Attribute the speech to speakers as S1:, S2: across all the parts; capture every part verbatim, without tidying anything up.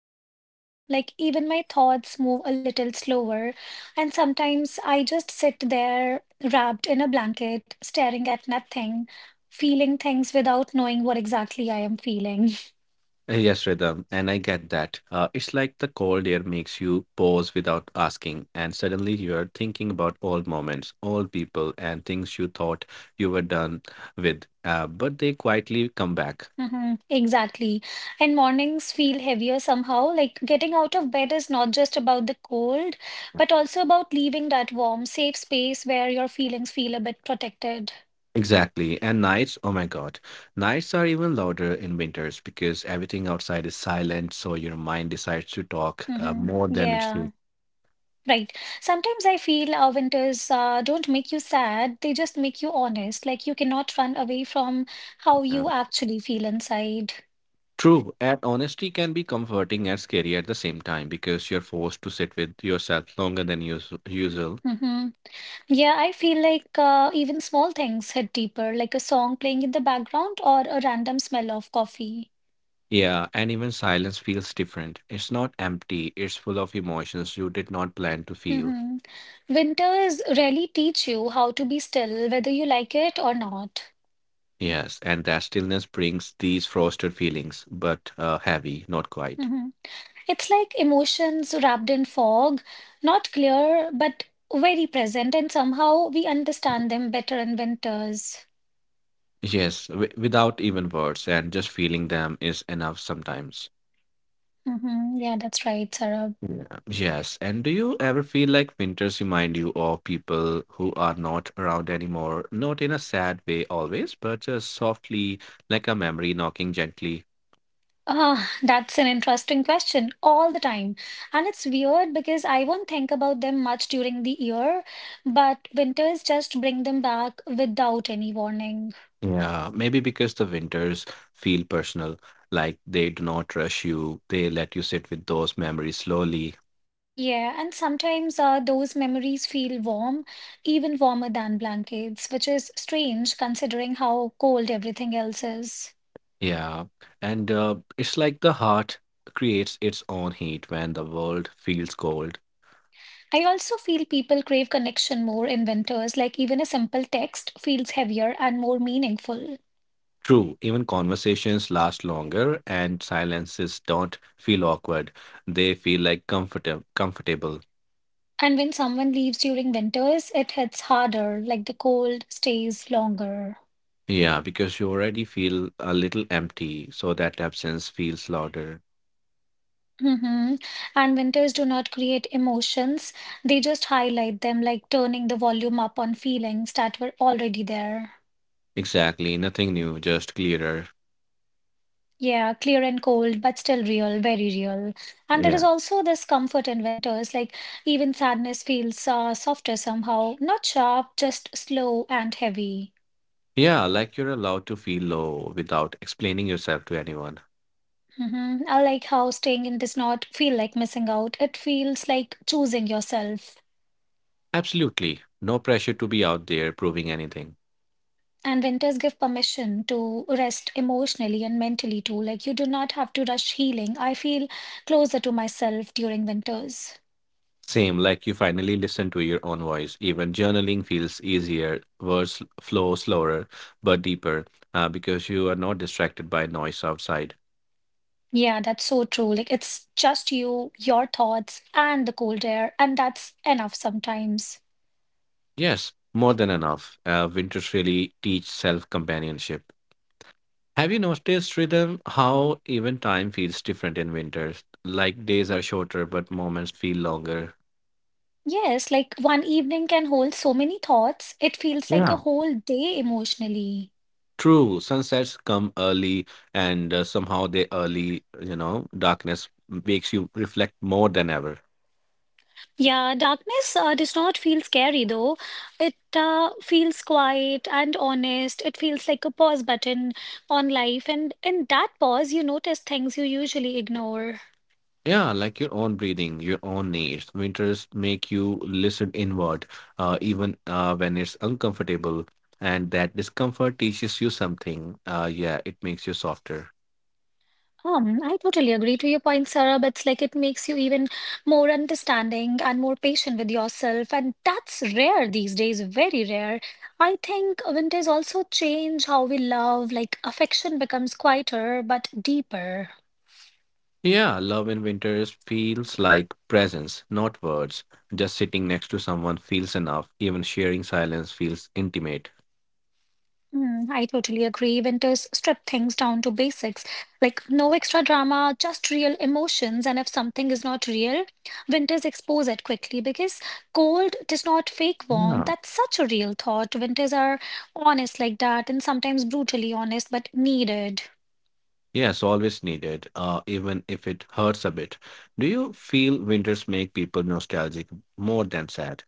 S1: Everything down. Like, even my thoughts move a little slower. And sometimes I just sit there, wrapped in a blanket, staring at nothing, feeling things without knowing what exactly I am feeling.
S2: Uh, Yes, Rhythm, and I get that. Uh, it's like the cold air makes you pause without asking, and suddenly you're thinking about old moments, old people, and things you thought you were done with, uh, but they quietly come back.
S1: Mhm. Exactly. And mornings feel heavier somehow. Like getting out of bed is not just about the cold, but also about leaving that warm, safe space where your feelings feel a bit protected.
S2: Exactly. And nights, oh my God, nights are even louder in winters because everything outside is silent, so your mind decides to talk uh,
S1: Hmm.
S2: more than it
S1: Yeah,
S2: should.
S1: right. Sometimes I feel our winters uh, don't make you sad, they just make you honest. Like you cannot run away from how
S2: Yeah.
S1: you actually feel inside.
S2: True, and honesty can be comforting and scary at the same time because you're forced to sit with yourself longer than us- usual.
S1: Hmm. Yeah, I feel like uh, even small things hit deeper, like a song playing in the background or a random smell of coffee.
S2: Yeah, and even silence feels different. It's not empty, it's full of emotions you did not plan to feel.
S1: Hmm. Winters really teach you how to be still, whether you like it or not.
S2: Yes, and that stillness brings these frosted feelings, but uh, heavy, not quite.
S1: Hmm. It's like emotions wrapped in fog, not clear, but very present, and somehow we understand them better in winters.
S2: Yes, w- without even words, and just feeling them is enough sometimes.
S1: Hmm. Yeah, that's right, Sarah.
S2: Yeah. Yes. And do you ever feel like winters remind you of people who are not around anymore? Not in a sad way always, but uh, softly, like a memory knocking gently.
S1: Ah, that's an interesting question all the time. And it's weird because I won't think about them much during the year, but winters just bring them back without any warning.
S2: Yeah. Uh, maybe because the winters feel personal, like they do not rush you, they let you sit with those memories slowly.
S1: Yeah, and sometimes uh, those memories feel warm, even warmer than blankets, which is strange considering how cold everything else is.
S2: Yeah. And uh, it's like the heart creates its own heat when the world feels cold.
S1: I also feel people crave connection more in winters, like even a simple text feels heavier and more meaningful.
S2: True, even conversations last longer and silences don't feel awkward. They feel like comfortable comfortable.
S1: And when someone leaves during winters, it hits harder, like the cold stays longer.
S2: Yeah, because you already feel a little empty, so that absence feels louder.
S1: Hmm. And winters do not create emotions, they just highlight them, like turning the volume up on feelings that were already there.
S2: Exactly, nothing new, just clearer.
S1: Yeah, clear and cold, but still real, very real. And there is
S2: Yeah.
S1: also this comfort in winters, like even sadness feels uh, softer somehow, not sharp, just slow and heavy.
S2: Yeah, like you're allowed to feel low without explaining yourself to anyone.
S1: Hmm. I like how staying in does not feel like missing out. It feels like choosing yourself.
S2: Absolutely. No pressure to be out there proving anything.
S1: And winters give permission to rest emotionally and mentally too. Like you do not have to rush healing. I feel closer to myself during winters.
S2: Same, like you finally listen to your own voice. Even journaling feels easier, words flow slower but deeper uh, because you are not distracted by noise outside.
S1: Yeah, that's so true. Like it's just you, your thoughts, and the cold air, and that's enough sometimes.
S2: Yes, more than enough. Uh, winters really teach self companionship. Have you noticed, Rhythm, how even time feels different in winters? Like days are shorter, but moments feel longer.
S1: Yes, like one evening can hold so many thoughts, it feels like a
S2: Yeah.
S1: whole day emotionally.
S2: True, sunsets come early, and uh, somehow the early, you know, darkness makes you reflect more than ever.
S1: Yeah, darkness uh, does not feel scary though. It uh, feels quiet and honest. It feels like a pause button on life, and in that pause, you notice things you usually ignore.
S2: Yeah, like your own breathing, your own needs. Winters make you listen inward, uh, even uh, when it's uncomfortable, and that discomfort teaches you something. Uh, yeah, it makes you softer.
S1: Um, I totally agree to your point, Sarah. But it's like it makes you even more understanding and more patient with yourself, and that's rare these days, very rare. I think winters also change how we love, like affection becomes quieter but deeper.
S2: Yeah, love in winters feels like presence, not words. Just sitting next to someone feels enough. Even sharing silence feels intimate.
S1: Mm, I totally agree. Winters strip things down to basics, like no extra drama, just real emotions. And if something is not real, winters expose it quickly because cold does not fake warm.
S2: Yeah.
S1: That's such a real thought. Winters are honest like that and sometimes brutally honest, but needed.
S2: Yes, always needed, uh, even if it hurts a bit. Do you feel winters make people nostalgic more than sad?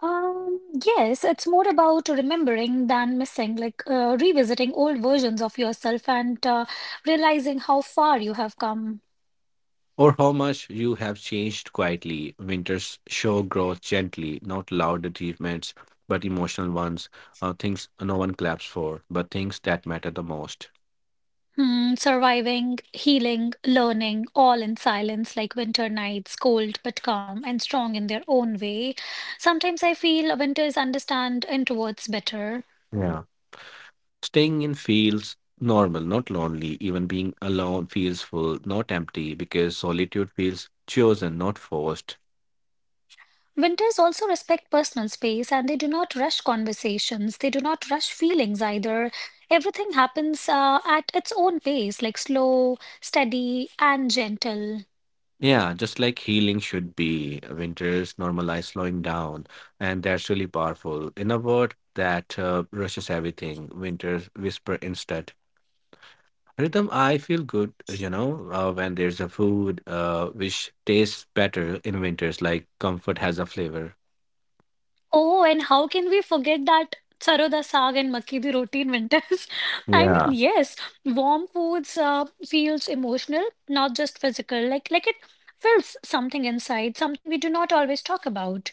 S1: Um, yes, it's more about remembering than missing, like uh, revisiting old versions of yourself and uh, realizing how far you have come.
S2: Or how much you have changed quietly. Winters show growth gently, not loud achievements, but emotional ones, uh, things no one claps for, but things that matter the most.
S1: Hmm, surviving, healing, learning, all in silence, like winter nights, cold but calm and strong in their own way. Sometimes I feel winters understand introverts better.
S2: Yeah. Staying in feels normal, not lonely. Even being alone feels full, not empty, because solitude feels chosen, not forced.
S1: Winters also respect personal space and they do not rush conversations, they do not rush feelings either. Everything happens uh, at its own pace, like slow, steady, and gentle.
S2: Yeah, just like healing should be. Winters normalize slowing down, and that's really powerful. In a word, that uh, rushes everything. Winters whisper instead. Rhythm, I feel good, you know, uh, when there's a food uh, which tastes better in winters, like comfort has a flavor.
S1: Oh, and how can we forget that Saroda Saag and Makki di Roti in winters? I mean,
S2: Yeah.
S1: yes, warm foods uh, feels emotional, not just physical. Like like it fills something inside, something we do not always talk about.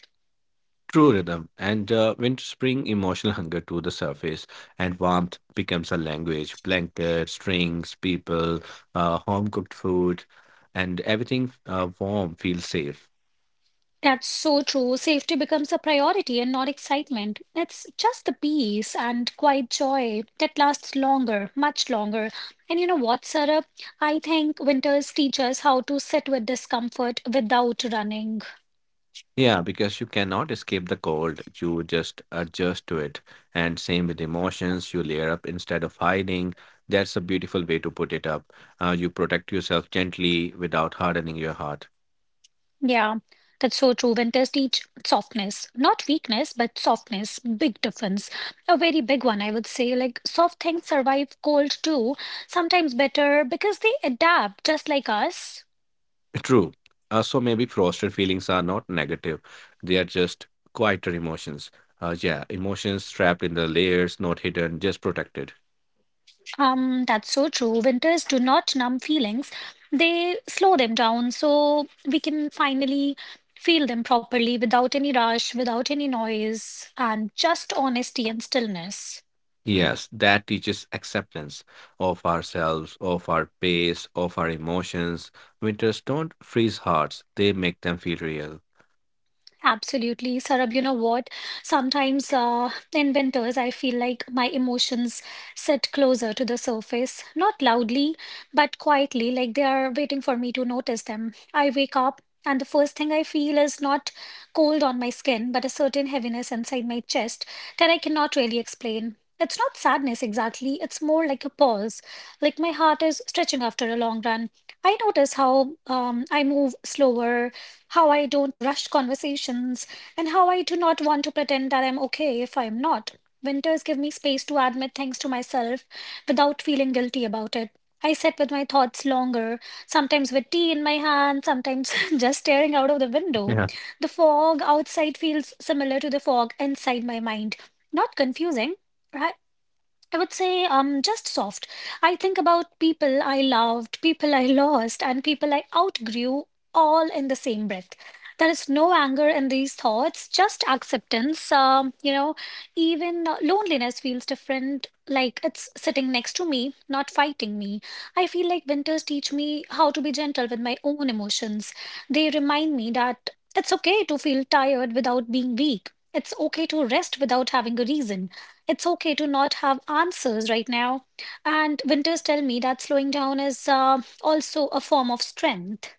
S2: True rhythm, and uh, winters bring emotional hunger to the surface, and warmth becomes a language. Blankets, strings, people, uh, home cooked food, and everything uh, warm feels safe.
S1: That's so true. Safety becomes a priority and not excitement. It's just the peace and quiet joy that lasts longer, much longer. And you know what, Sarah? I think winters teach us how to sit with discomfort without running.
S2: Yeah, because you cannot escape the cold, you just adjust to it. And same with emotions, you layer up instead of hiding. That's a beautiful way to put it up. Uh, you protect yourself gently without hardening your heart.
S1: Yeah, that's so true. Winters teach softness, not weakness, but softness. Big difference. A very big one, I would say. Like, soft things survive cold too, sometimes better because they adapt just like us.
S2: True. Uh, so maybe frosted feelings are not negative, they are just quieter emotions. Uh, yeah, emotions trapped in the layers, not hidden, just protected.
S1: Um, that's so true. Winters do not numb feelings, they slow them down so we can finally feel them properly without any rush, without any noise, and just honesty and stillness.
S2: Yes, that teaches acceptance of ourselves, of our pace, of our emotions. Winters don't freeze hearts, they make them feel real.
S1: Absolutely, Sarab. You know what? Sometimes uh, in winters, I feel like my emotions sit closer to the surface, not loudly, but quietly, like they are waiting for me to notice them. I wake up, and the first thing I feel is not cold on my skin, but a certain heaviness inside my chest that I cannot really explain. It's not sadness exactly, it's more like a pause, like my heart is stretching after a long run. I notice how um, I move slower, how I don't rush conversations, and how I do not want to pretend that I'm okay if I'm not. Winters give me space to admit things to myself without feeling guilty about it. I sit with my thoughts longer, sometimes with tea in my hand, sometimes just staring out of the window. The fog outside feels similar to the fog inside my mind. Not confusing. I I would say um just soft. I think about people I loved, people I lost, and people I outgrew all in the same breath. There is no anger in these thoughts, just acceptance. Um, you know, even uh, loneliness feels different, like it's sitting next to me, not fighting me. I feel like winters teach me how to be gentle with my own emotions. They remind me that it's okay to feel tired without being weak. It's okay to rest without having a reason. It's okay to not have answers right now. And winters tell me that slowing down is uh, also a form of strength.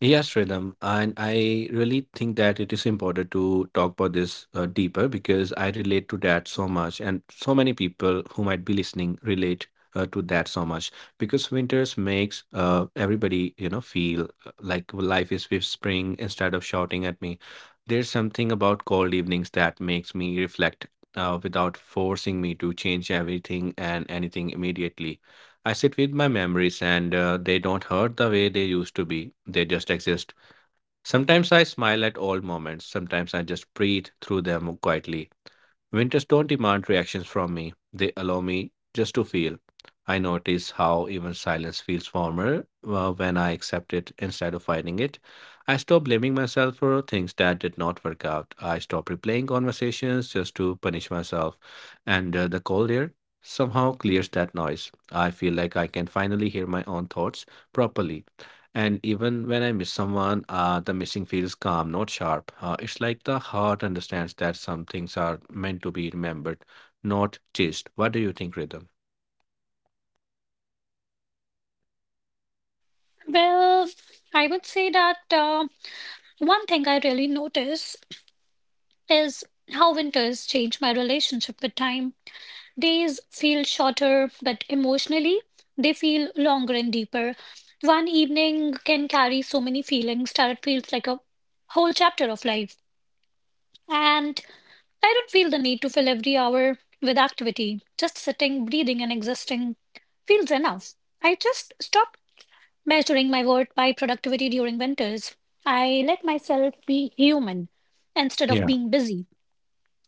S2: Yes, Sridham, and I really think that it is important to talk about this uh, deeper because I relate to that so much, and so many people who might be listening relate uh, to that so much because winters makes uh, everybody you know feel uh, like life is with spring instead of shouting at me. There's something about cold evenings that makes me reflect uh, without forcing me to change everything and anything immediately. I sit with my memories and uh, they don't hurt the way they used to be. They just exist. Sometimes I smile at old moments, sometimes I just breathe through them quietly. Winters don't demand reactions from me, they allow me just to feel. I notice how even silence feels warmer uh, when I accept it instead of fighting it. I stop blaming myself for things that did not work out. I stop replaying conversations just to punish myself. And uh, the cold air somehow clears that noise. I feel like I can finally hear my own thoughts properly. And even when I miss someone, uh, the missing feels calm, not sharp. Uh, it's like the heart understands that some things are meant to be remembered, not chased. What do you think, Rhythm?
S1: Well, I would say that uh, one thing I really notice is how winters change my relationship with time. Days feel shorter, but emotionally, they feel longer and deeper. One evening can carry so many feelings that it feels like a whole chapter of life. And I don't feel the need to fill every hour with activity. Just sitting, breathing, and existing feels enough. I just stop measuring my worth by productivity during winters. I let myself be human instead of
S2: Yeah.
S1: being busy.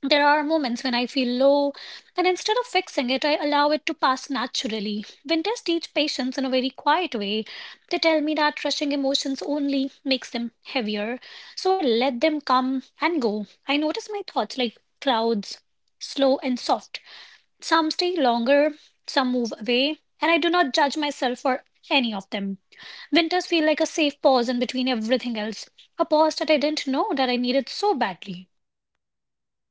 S1: There are moments when I feel low, and instead of fixing it, I allow it to pass naturally. Winters teach patience in a very quiet way. They tell me that rushing emotions only makes them heavier. So I let them come and go. I notice my thoughts like clouds, slow and soft. Some stay longer, some move away, and I do not judge myself for any of them. Winters feel like a safe pause in between everything else, a pause that I didn't know that I needed so badly.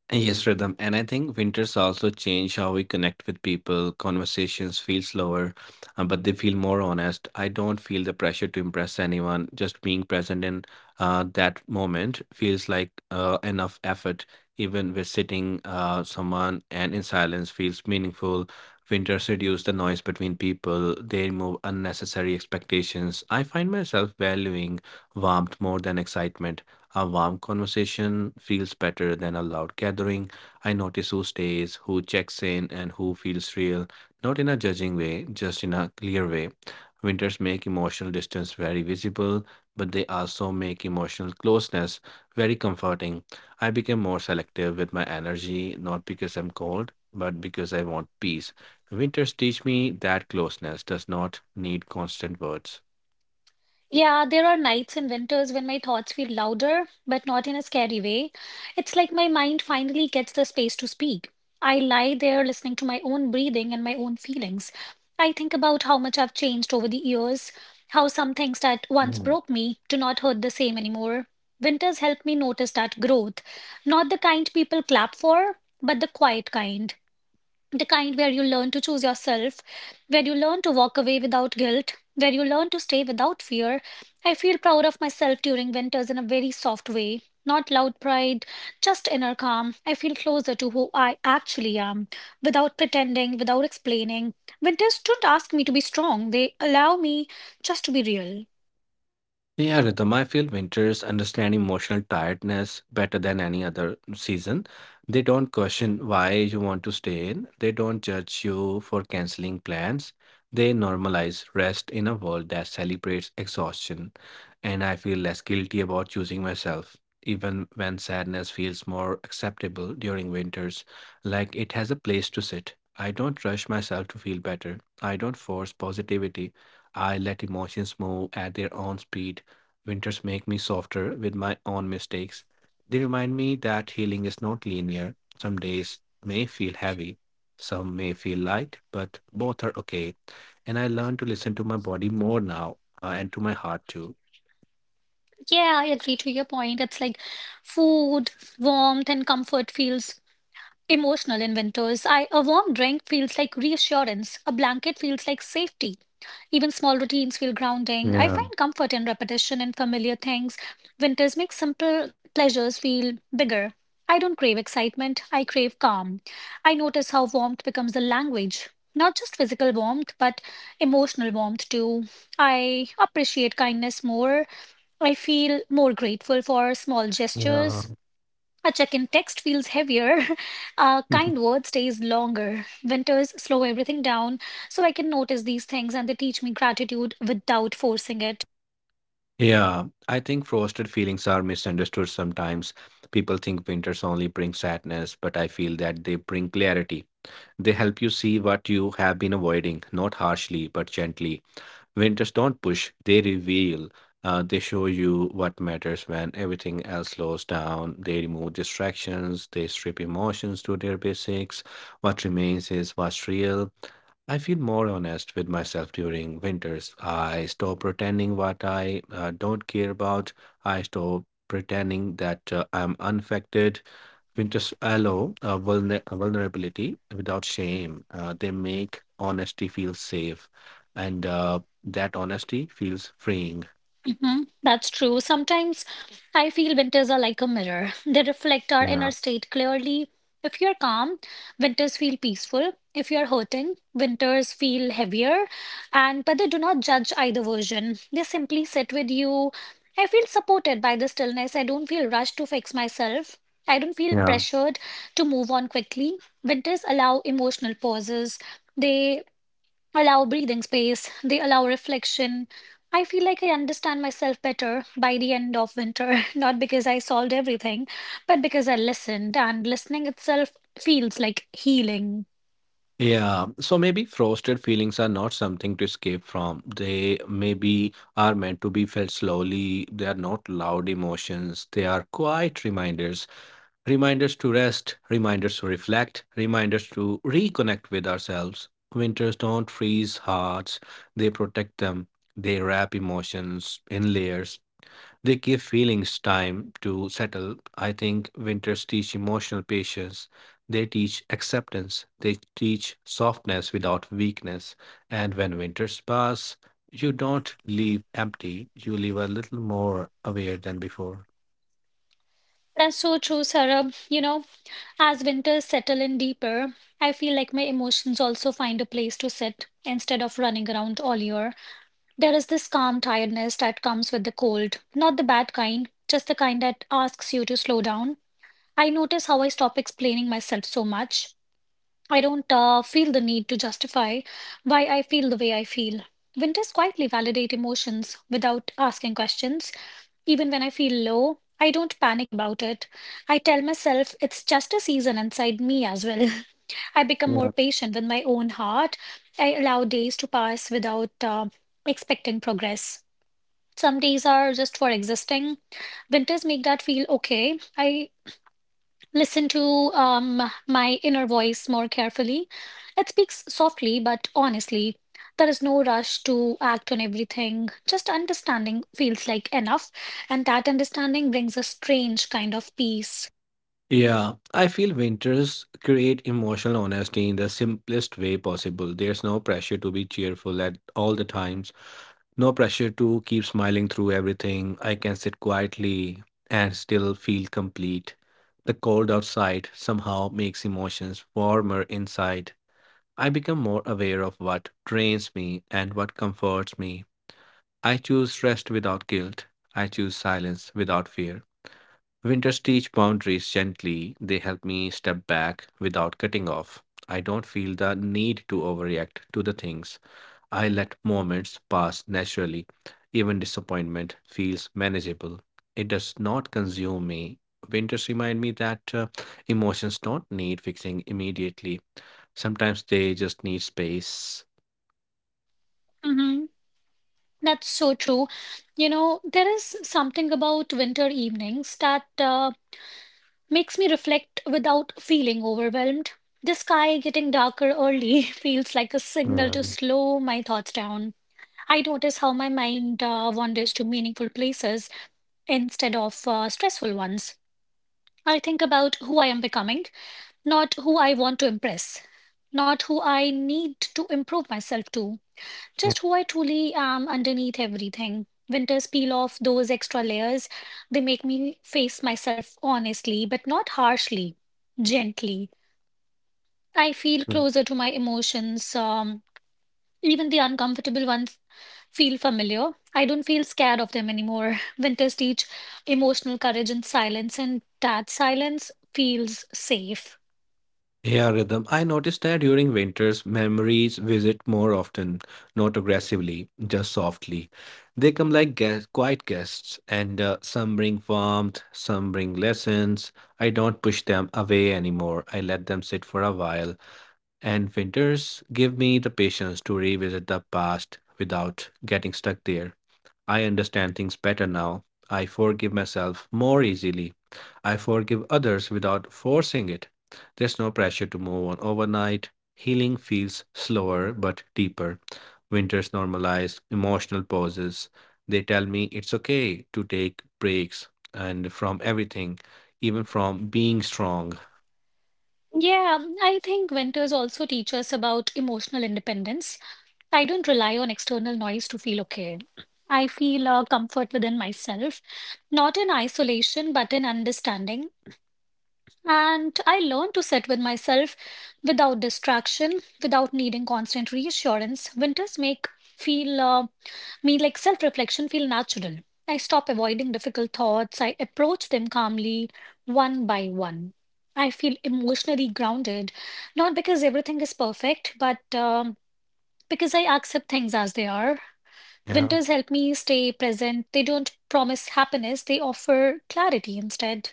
S2: Yes, rhythm. And I think winters also change how we connect with people. Conversations feel slower, uh, but they feel more honest. I don't feel the pressure to impress anyone. Just being present in uh, that moment feels like uh, enough effort. Even with sitting uh, someone and in silence feels meaningful. Winters reduce the noise between people. They remove unnecessary expectations. I find myself valuing warmth more than excitement. A warm conversation feels better than a loud gathering. I notice who stays, who checks in, and who feels real, not in a judging way, just in a clear way. Winters make emotional distance very visible, but they also make emotional closeness very comforting. I became more selective with my energy, not because I'm cold, but because I want peace. Winters teach me that closeness does not need constant words.
S1: Yeah, there are nights and winters when my thoughts feel louder, but not in a scary way. It's like my mind finally gets the space to speak. I lie there listening to my own breathing and my own feelings. I think about how much I've changed over the years, how some things that once broke me do not hurt the same anymore. Winters help me notice that growth, not the kind people clap for, but the quiet kind, the kind where you learn to choose yourself, where you learn to walk away without guilt, where you learn to stay without fear. I feel proud of myself during winters in a very soft way. Not loud pride, just inner calm. I feel closer to who I actually am, without pretending, without explaining. Winters don't ask me to be strong, they allow me just to be real.
S2: Yeah, Rhythm, I feel winters understand emotional tiredness better than any other season. They don't question why you want to stay in, they don't judge you for canceling plans. They normalize rest in a world that celebrates exhaustion, and I feel less guilty about choosing myself. Even when sadness feels more acceptable during winters, like it has a place to sit. I don't rush myself to feel better. I don't force positivity. I let emotions move at their own speed. Winters make me softer with my own mistakes. They remind me that healing is not linear. Some days may feel heavy, some may feel light, but both are okay. And I learn to listen to my body more now uh, and to my heart too.
S1: Yeah, I agree to your point. It's like food, warmth, and comfort feels emotional in winters. I, a warm drink feels like reassurance, a blanket feels like safety. Even small routines feel grounding. I
S2: Yeah.
S1: find comfort in repetition and familiar things. Winters make simple pleasures feel bigger. I don't crave excitement, I crave calm. I notice how warmth becomes a language. Not just physical warmth, but emotional warmth too. I appreciate kindness more. I feel more grateful for small
S2: Yeah.
S1: gestures. A check in text feels heavier. A kind word stays longer. Winters slow everything down so I can notice these things and they teach me gratitude without forcing it.
S2: Yeah, I think frosted feelings are misunderstood sometimes. People think winters only bring sadness, but I feel that they bring clarity. They help you see what you have been avoiding, not harshly, but gently. Winters don't push, they reveal. Uh, they show you what matters when everything else slows down. They remove distractions, they strip emotions to their basics. What remains is what's real. I feel more honest with myself during winters. I stop pretending what I uh, don't care about. I stop pretending that uh, I'm unaffected. Winters allow uh, vulner- uh, vulnerability without shame. Uh, they make honesty feel safe, and uh, that honesty feels freeing.
S1: Hmm. That's true. Sometimes I feel winters are like a mirror. They reflect our
S2: Yeah,
S1: inner state clearly. If you're calm, winters feel peaceful. If you're hurting, winters feel heavier. And but they do not judge either version. They simply sit with you. I feel supported by the stillness. I don't feel rushed to fix myself. I don't feel
S2: yeah,
S1: pressured to move on quickly. Winters allow emotional pauses. They allow breathing space, they allow reflection. I feel like I understand myself better by the end of winter, not because I solved everything, but because I listened, and listening itself feels like healing.
S2: yeah. So maybe frosted feelings are not something to escape from. They maybe are meant to be felt slowly. They are not loud emotions. They are quiet reminders. Reminders to rest, reminders to reflect, reminders to reconnect with ourselves. Winters don't freeze hearts, they protect them. They wrap emotions in layers. They give feelings time to settle. I think winters teach emotional patience. They teach acceptance. They teach softness without weakness. And when winters pass, you don't leave empty, you leave a little more aware than before.
S1: That's so true, Sarah. You know, as winters settle in deeper, I feel like my emotions also find a place to sit instead of running around all year. There is this calm tiredness that comes with the cold, not the bad kind, just the kind that asks you to slow down. I notice how I stop explaining myself so much. I don't uh, feel the need to justify why I feel the way I feel. Winters quietly validate emotions without asking questions. Even when I feel low, I don't panic about it. I tell myself it's just a season inside me as well. I become more patient with my own heart. I allow days to pass without uh, expecting progress. Some days are just for existing. Winters make that feel okay. I listen to um, my inner voice more carefully. It speaks softly but honestly. There is no rush to act on everything. Just understanding feels like enough, and that understanding brings a strange kind of peace.
S2: Yeah, I feel winters create emotional honesty in the simplest way possible. There's no pressure to be cheerful at all the times, no pressure to keep smiling through everything. I can sit quietly and still feel complete. The cold outside somehow makes emotions warmer inside. I become more aware of what drains me and what comforts me. I choose rest without guilt. I choose silence without fear. Winters teach boundaries gently. They help me step back without cutting off. I don't feel the need to overreact to the things. I let moments pass naturally. Even disappointment feels manageable. It does not consume me. Winters remind me that uh, emotions don't need fixing immediately. Sometimes they just need space.
S1: Hmm. That's so true. You know, there is something about winter evenings that uh, makes me reflect without feeling overwhelmed. The sky getting darker early feels like a signal
S2: Yeah.
S1: to slow my thoughts down. I notice how my mind uh, wanders to meaningful places instead of uh, stressful ones. I think about who I am becoming, not who I want to impress, not who I need to improve myself to,
S2: Yeah.
S1: just who I truly am underneath everything. Winters peel off those extra layers. They make me face myself honestly, but not harshly, gently. I feel closer to my emotions, um, even the uncomfortable ones feel familiar. I don't feel scared of them anymore. Winters teach emotional courage in silence, and that silence feels safe.
S2: Yeah, rhythm. I noticed that during winters, memories visit more often, not aggressively, just softly. They come like guest, quiet guests, and uh, some bring warmth, some bring lessons. I don't push them away anymore. I let them sit for a while and winters give me the patience to revisit the past without getting stuck there. I understand things better now. I forgive myself more easily. I forgive others without forcing it. There's no pressure to move on overnight. Healing feels slower but deeper. Winters normalize emotional pauses. They tell me it's okay to take breaks and from everything, even from being strong.
S1: Yeah, I think winters also teach us about emotional independence. I don't rely on external noise to feel okay. I feel a comfort within myself, not in isolation, but in understanding. And I learned to sit with myself without distraction, without needing constant reassurance. Winters make feel uh, me like self-reflection feel natural. I stop avoiding difficult thoughts. I approach them calmly, one by one. I feel emotionally grounded, not because everything is perfect, but um, because I accept things as they are.
S2: Yeah.
S1: Winters help me stay present. They don't promise happiness, they offer clarity instead.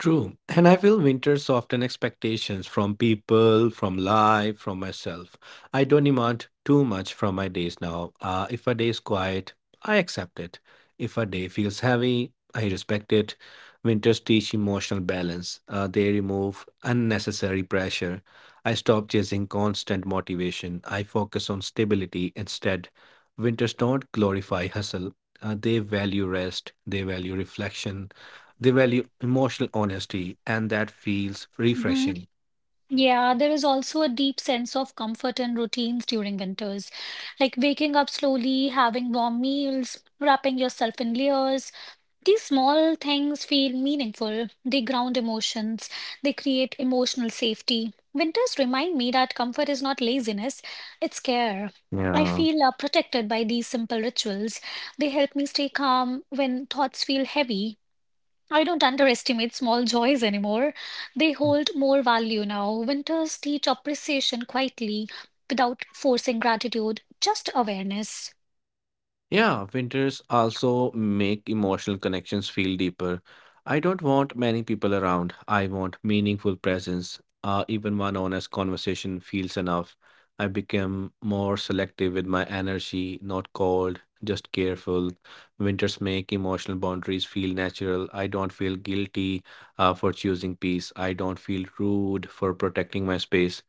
S2: True. And I feel winter soften expectations from people, from life, from myself. I don't demand too much from my days now. Uh, if a day is quiet, I accept it. If a day feels heavy, I respect it. Winters teach emotional balance. Uh, they remove unnecessary pressure. I stop chasing constant motivation. I focus on stability instead. Winters don't glorify hustle. Uh, they value rest. They value reflection. They value emotional honesty, and that feels
S1: Mm-hmm.
S2: refreshing.
S1: Yeah, there is also a deep sense of comfort and routines during winters, like waking up slowly, having warm meals, wrapping yourself in layers. These small things feel meaningful. They ground emotions, they create emotional safety. Winters remind me that comfort is not laziness, it's care. I
S2: Yeah.
S1: feel uh, protected by these simple rituals. They help me stay calm when thoughts feel heavy. I don't underestimate small joys anymore. They hold more value now. Winters teach appreciation quietly, without forcing gratitude, just awareness.
S2: Yeah, winters also make emotional connections feel deeper. I don't want many people around. I want meaningful presence. Uh, even one honest conversation feels enough. I become more selective with my energy, not cold, just careful. Winters make emotional boundaries feel natural. I don't feel guilty uh, for choosing peace. I don't feel rude for protecting my space.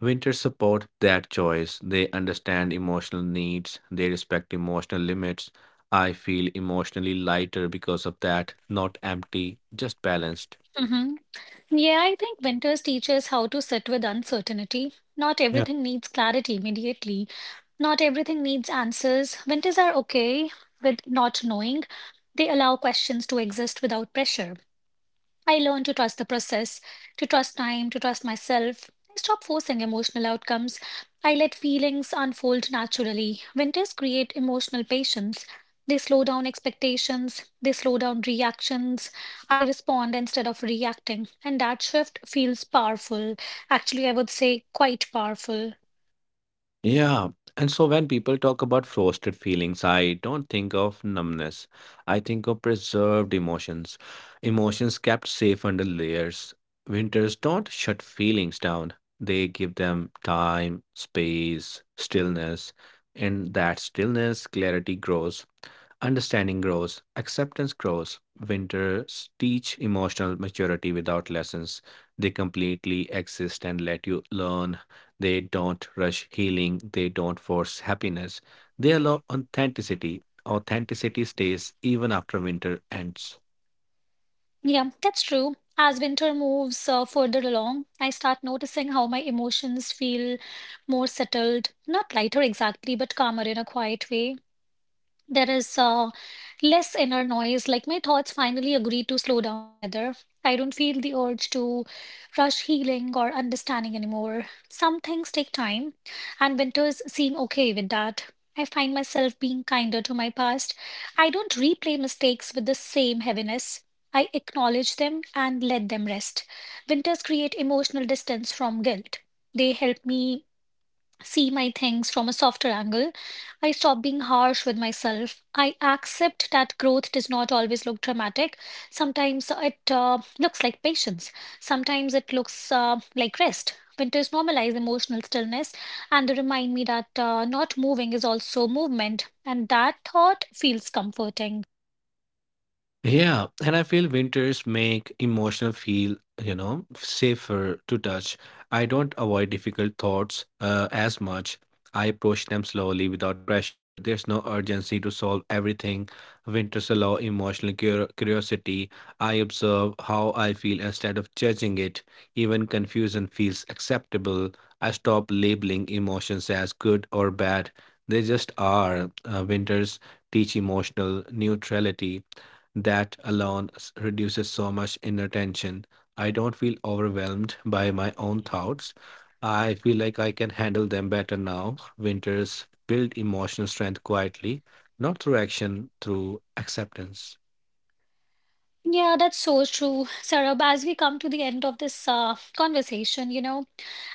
S2: Winters support that choice. They understand emotional needs, they respect emotional limits. I feel emotionally lighter because of that, not empty, just balanced.
S1: Hmm. Yeah, I think winters teach us how to sit with uncertainty. Not
S2: Yeah.
S1: everything needs clarity immediately. Not everything needs answers. Winters are okay with not knowing. They allow questions to exist without pressure. I learned to trust the process, to trust time, to trust myself. I stopped forcing emotional outcomes. I let feelings unfold naturally. Winters create emotional patience. They slow down expectations, they slow down reactions. I respond instead of reacting. And that shift feels powerful. Actually, I would say quite powerful.
S2: Yeah, and so when people talk about frosted feelings, I don't think of numbness. I think of preserved emotions, emotions kept safe under layers. Winters don't shut feelings down, they give them time, space, stillness. In that stillness, clarity grows. Understanding grows, acceptance grows. Winters teach emotional maturity without lessons. They completely exist and let you learn. They don't rush healing, they don't force happiness. They allow authenticity. Authenticity stays even after winter ends.
S1: Yeah, that's true. As winter moves uh, further along, I start noticing how my emotions feel more settled, not lighter exactly, but calmer in a quiet way. There is uh, less inner noise, like my thoughts finally agree to slow down together. I don't feel the urge to rush healing or understanding anymore. Some things take time, and winters seem okay with that. I find myself being kinder to my past. I don't replay mistakes with the same heaviness. I acknowledge them and let them rest. Winters create emotional distance from guilt. They help me see my things from a softer angle. I stop being harsh with myself. I accept that growth does not always look dramatic. Sometimes it uh, looks like patience, sometimes it looks uh, like rest. Winters normalize emotional stillness, and they remind me that uh, not moving is also movement, and that thought feels comforting.
S2: Yeah, and I feel winters make emotional feel, you know, safer to touch. I don't avoid difficult thoughts uh, as much. I approach them slowly without pressure. There's no urgency to solve everything. Winters allow emotional cur- curiosity. I observe how I feel instead of judging it. Even confusion feels acceptable. I stop labeling emotions as good or bad. They just are. Uh, winters teach emotional neutrality. That alone s- reduces so much inner tension. I don't feel overwhelmed by my own thoughts. I feel like I can handle them better now. Winters build emotional strength quietly, not through action, through acceptance.
S1: Yeah, that's so true, Sarab. As we come to the end of this uh, conversation, you know,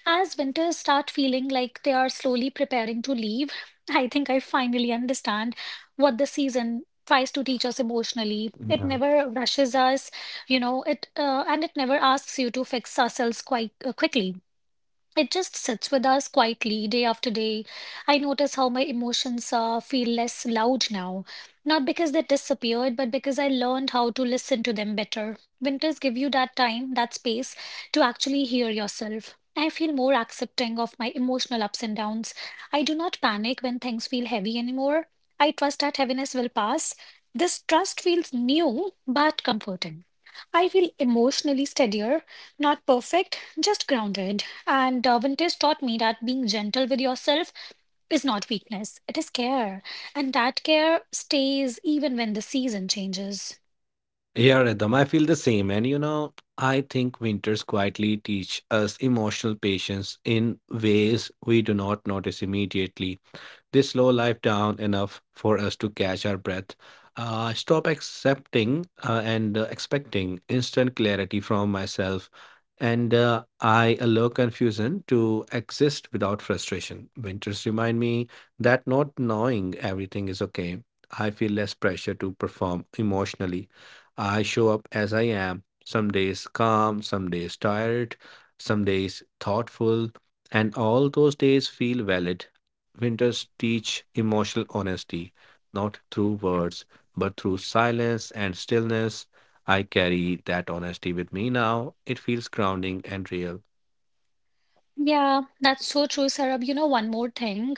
S1: as winters start feeling like they are slowly preparing to leave, I think I finally understand what the season tries to teach us emotionally. It
S2: Yeah.
S1: never rushes us, you know, it uh, and it never asks you to fix ourselves quite uh, quickly. It just sits with us quietly day after day. I notice how my emotions uh, feel less loud now. Not because they disappeared, but because I learned how to listen to them better. Winters give you that time, that space to actually hear yourself. I feel more accepting of my emotional ups and downs. I do not panic when things feel heavy anymore. I trust that heaviness will pass. This trust feels new but comforting. I feel emotionally steadier, not perfect, just grounded. And uh, vintage taught me that being gentle with yourself is not weakness, it is care. And that care stays even when the season changes.
S2: Yeah, Rhythm, I feel the same. And you know, I think winters quietly teach us emotional patience in ways we do not notice immediately. They slow life down enough for us to catch our breath. Uh, stop accepting uh, and uh, expecting instant clarity from myself. And uh, I allow confusion to exist without frustration. Winters remind me that not knowing everything is okay. I feel less pressure to perform emotionally. I show up as I am, some days calm, some days tired, some days thoughtful, and all those days feel valid. Winters teach emotional honesty, not through words, but through silence and stillness. I carry that honesty with me now. It feels grounding and real.
S1: Yeah, that's so true, Sarab. You know, one more thing,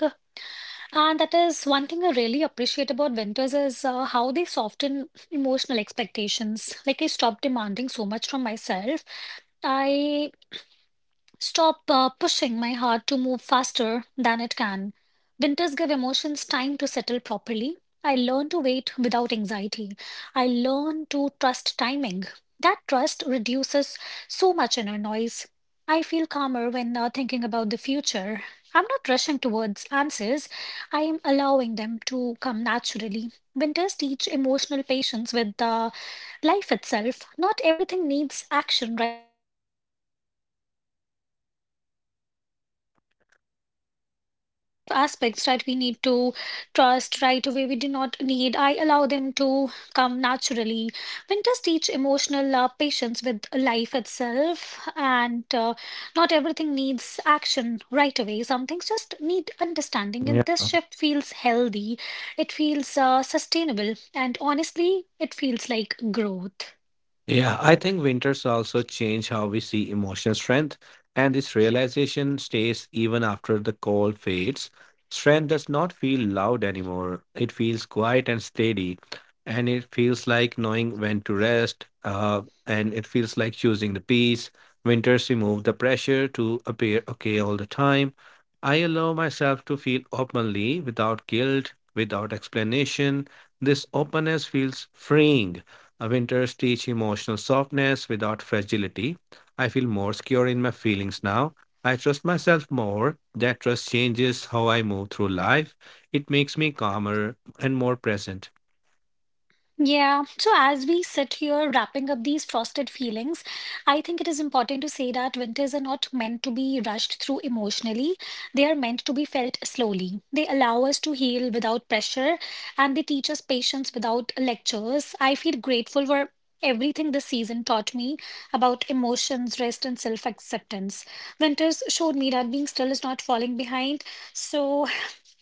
S1: and that is one thing I really appreciate about winters is uh, how they soften emotional expectations. Like, I stopped demanding so much from myself. I stop uh, pushing my heart to move faster than it can. Winters give emotions time to settle properly. I learn to wait without anxiety. I learn to trust timing. That trust reduces so much inner noise. I feel calmer when uh, thinking about the future. I'm not rushing towards answers. I am allowing them to come naturally. Winters teach emotional patience with uh, life itself. Not everything needs action aspects right, we need to trust right away, we do not need, I allow them to come naturally. Winters teach emotional uh, patience with life itself, and uh, not everything needs action right away. Some things just need understanding, and
S2: Yeah.
S1: this shift feels healthy. It feels uh, sustainable, and honestly it feels like growth.
S2: Yeah, I think winters also change how we see emotional strength, and this realization stays even after the cold fades. Strength does not feel loud anymore, it feels quiet and steady, and it feels like knowing when to rest, uh, and it feels like choosing the peace. Winters remove the pressure to appear okay all the time. I allow myself to feel openly without guilt, without explanation. This openness feels freeing. Winters teach emotional softness without fragility. I feel more secure in my feelings now. I trust myself more. That trust changes how I move through life. It makes me calmer and more present.
S1: Yeah, so as we sit here wrapping up these frosted feelings, I think it is important to say that winters are not meant to be rushed through emotionally. They are meant to be felt slowly. They allow us to heal without pressure, and they teach us patience without lectures. I feel grateful for everything this season taught me about emotions, rest, and self acceptance. Winters showed me that being still is not falling behind. So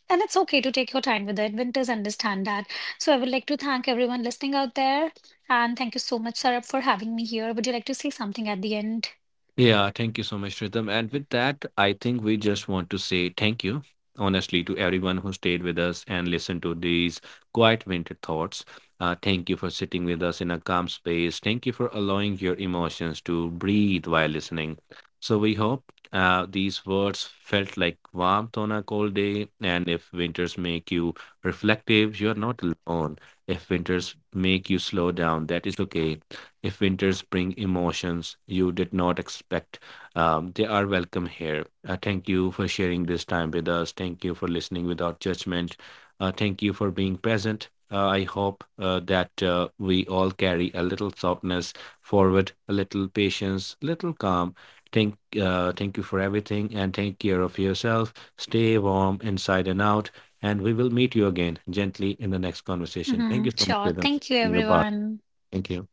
S1: and it's okay to take your time with it. Winters understand that. So I would like to thank everyone listening out there. And thank you so much, Sarab, for having me here. Would you like to say something at the end?
S2: Yeah, thank you so much, Ritam. And with that, I think we just want to say thank you, honestly, to everyone who stayed with us and listened to these quiet winter thoughts. Uh, thank you for sitting with us in a calm space. Thank you for allowing your emotions to breathe while listening. So we hope uh, these words felt like warmth on a cold day. And if winters make you reflective, you're not alone. If winters make you slow down, that is okay if winters bring emotions you did not expect, um, they are welcome here. Uh, thank you for sharing this time with us. Thank you for listening without judgment. Uh, thank you for being present. Uh, I hope uh, that uh, we all carry a little softness forward, a little patience, little calm. Thank, uh, thank you for everything and take care of yourself. Stay warm inside and out. And we will meet you again gently in the next conversation. Thank
S1: Hmm.
S2: you so much,
S1: Sure.
S2: Vedant, for
S1: Thank you,
S2: being a part.
S1: everyone.
S2: Thank you.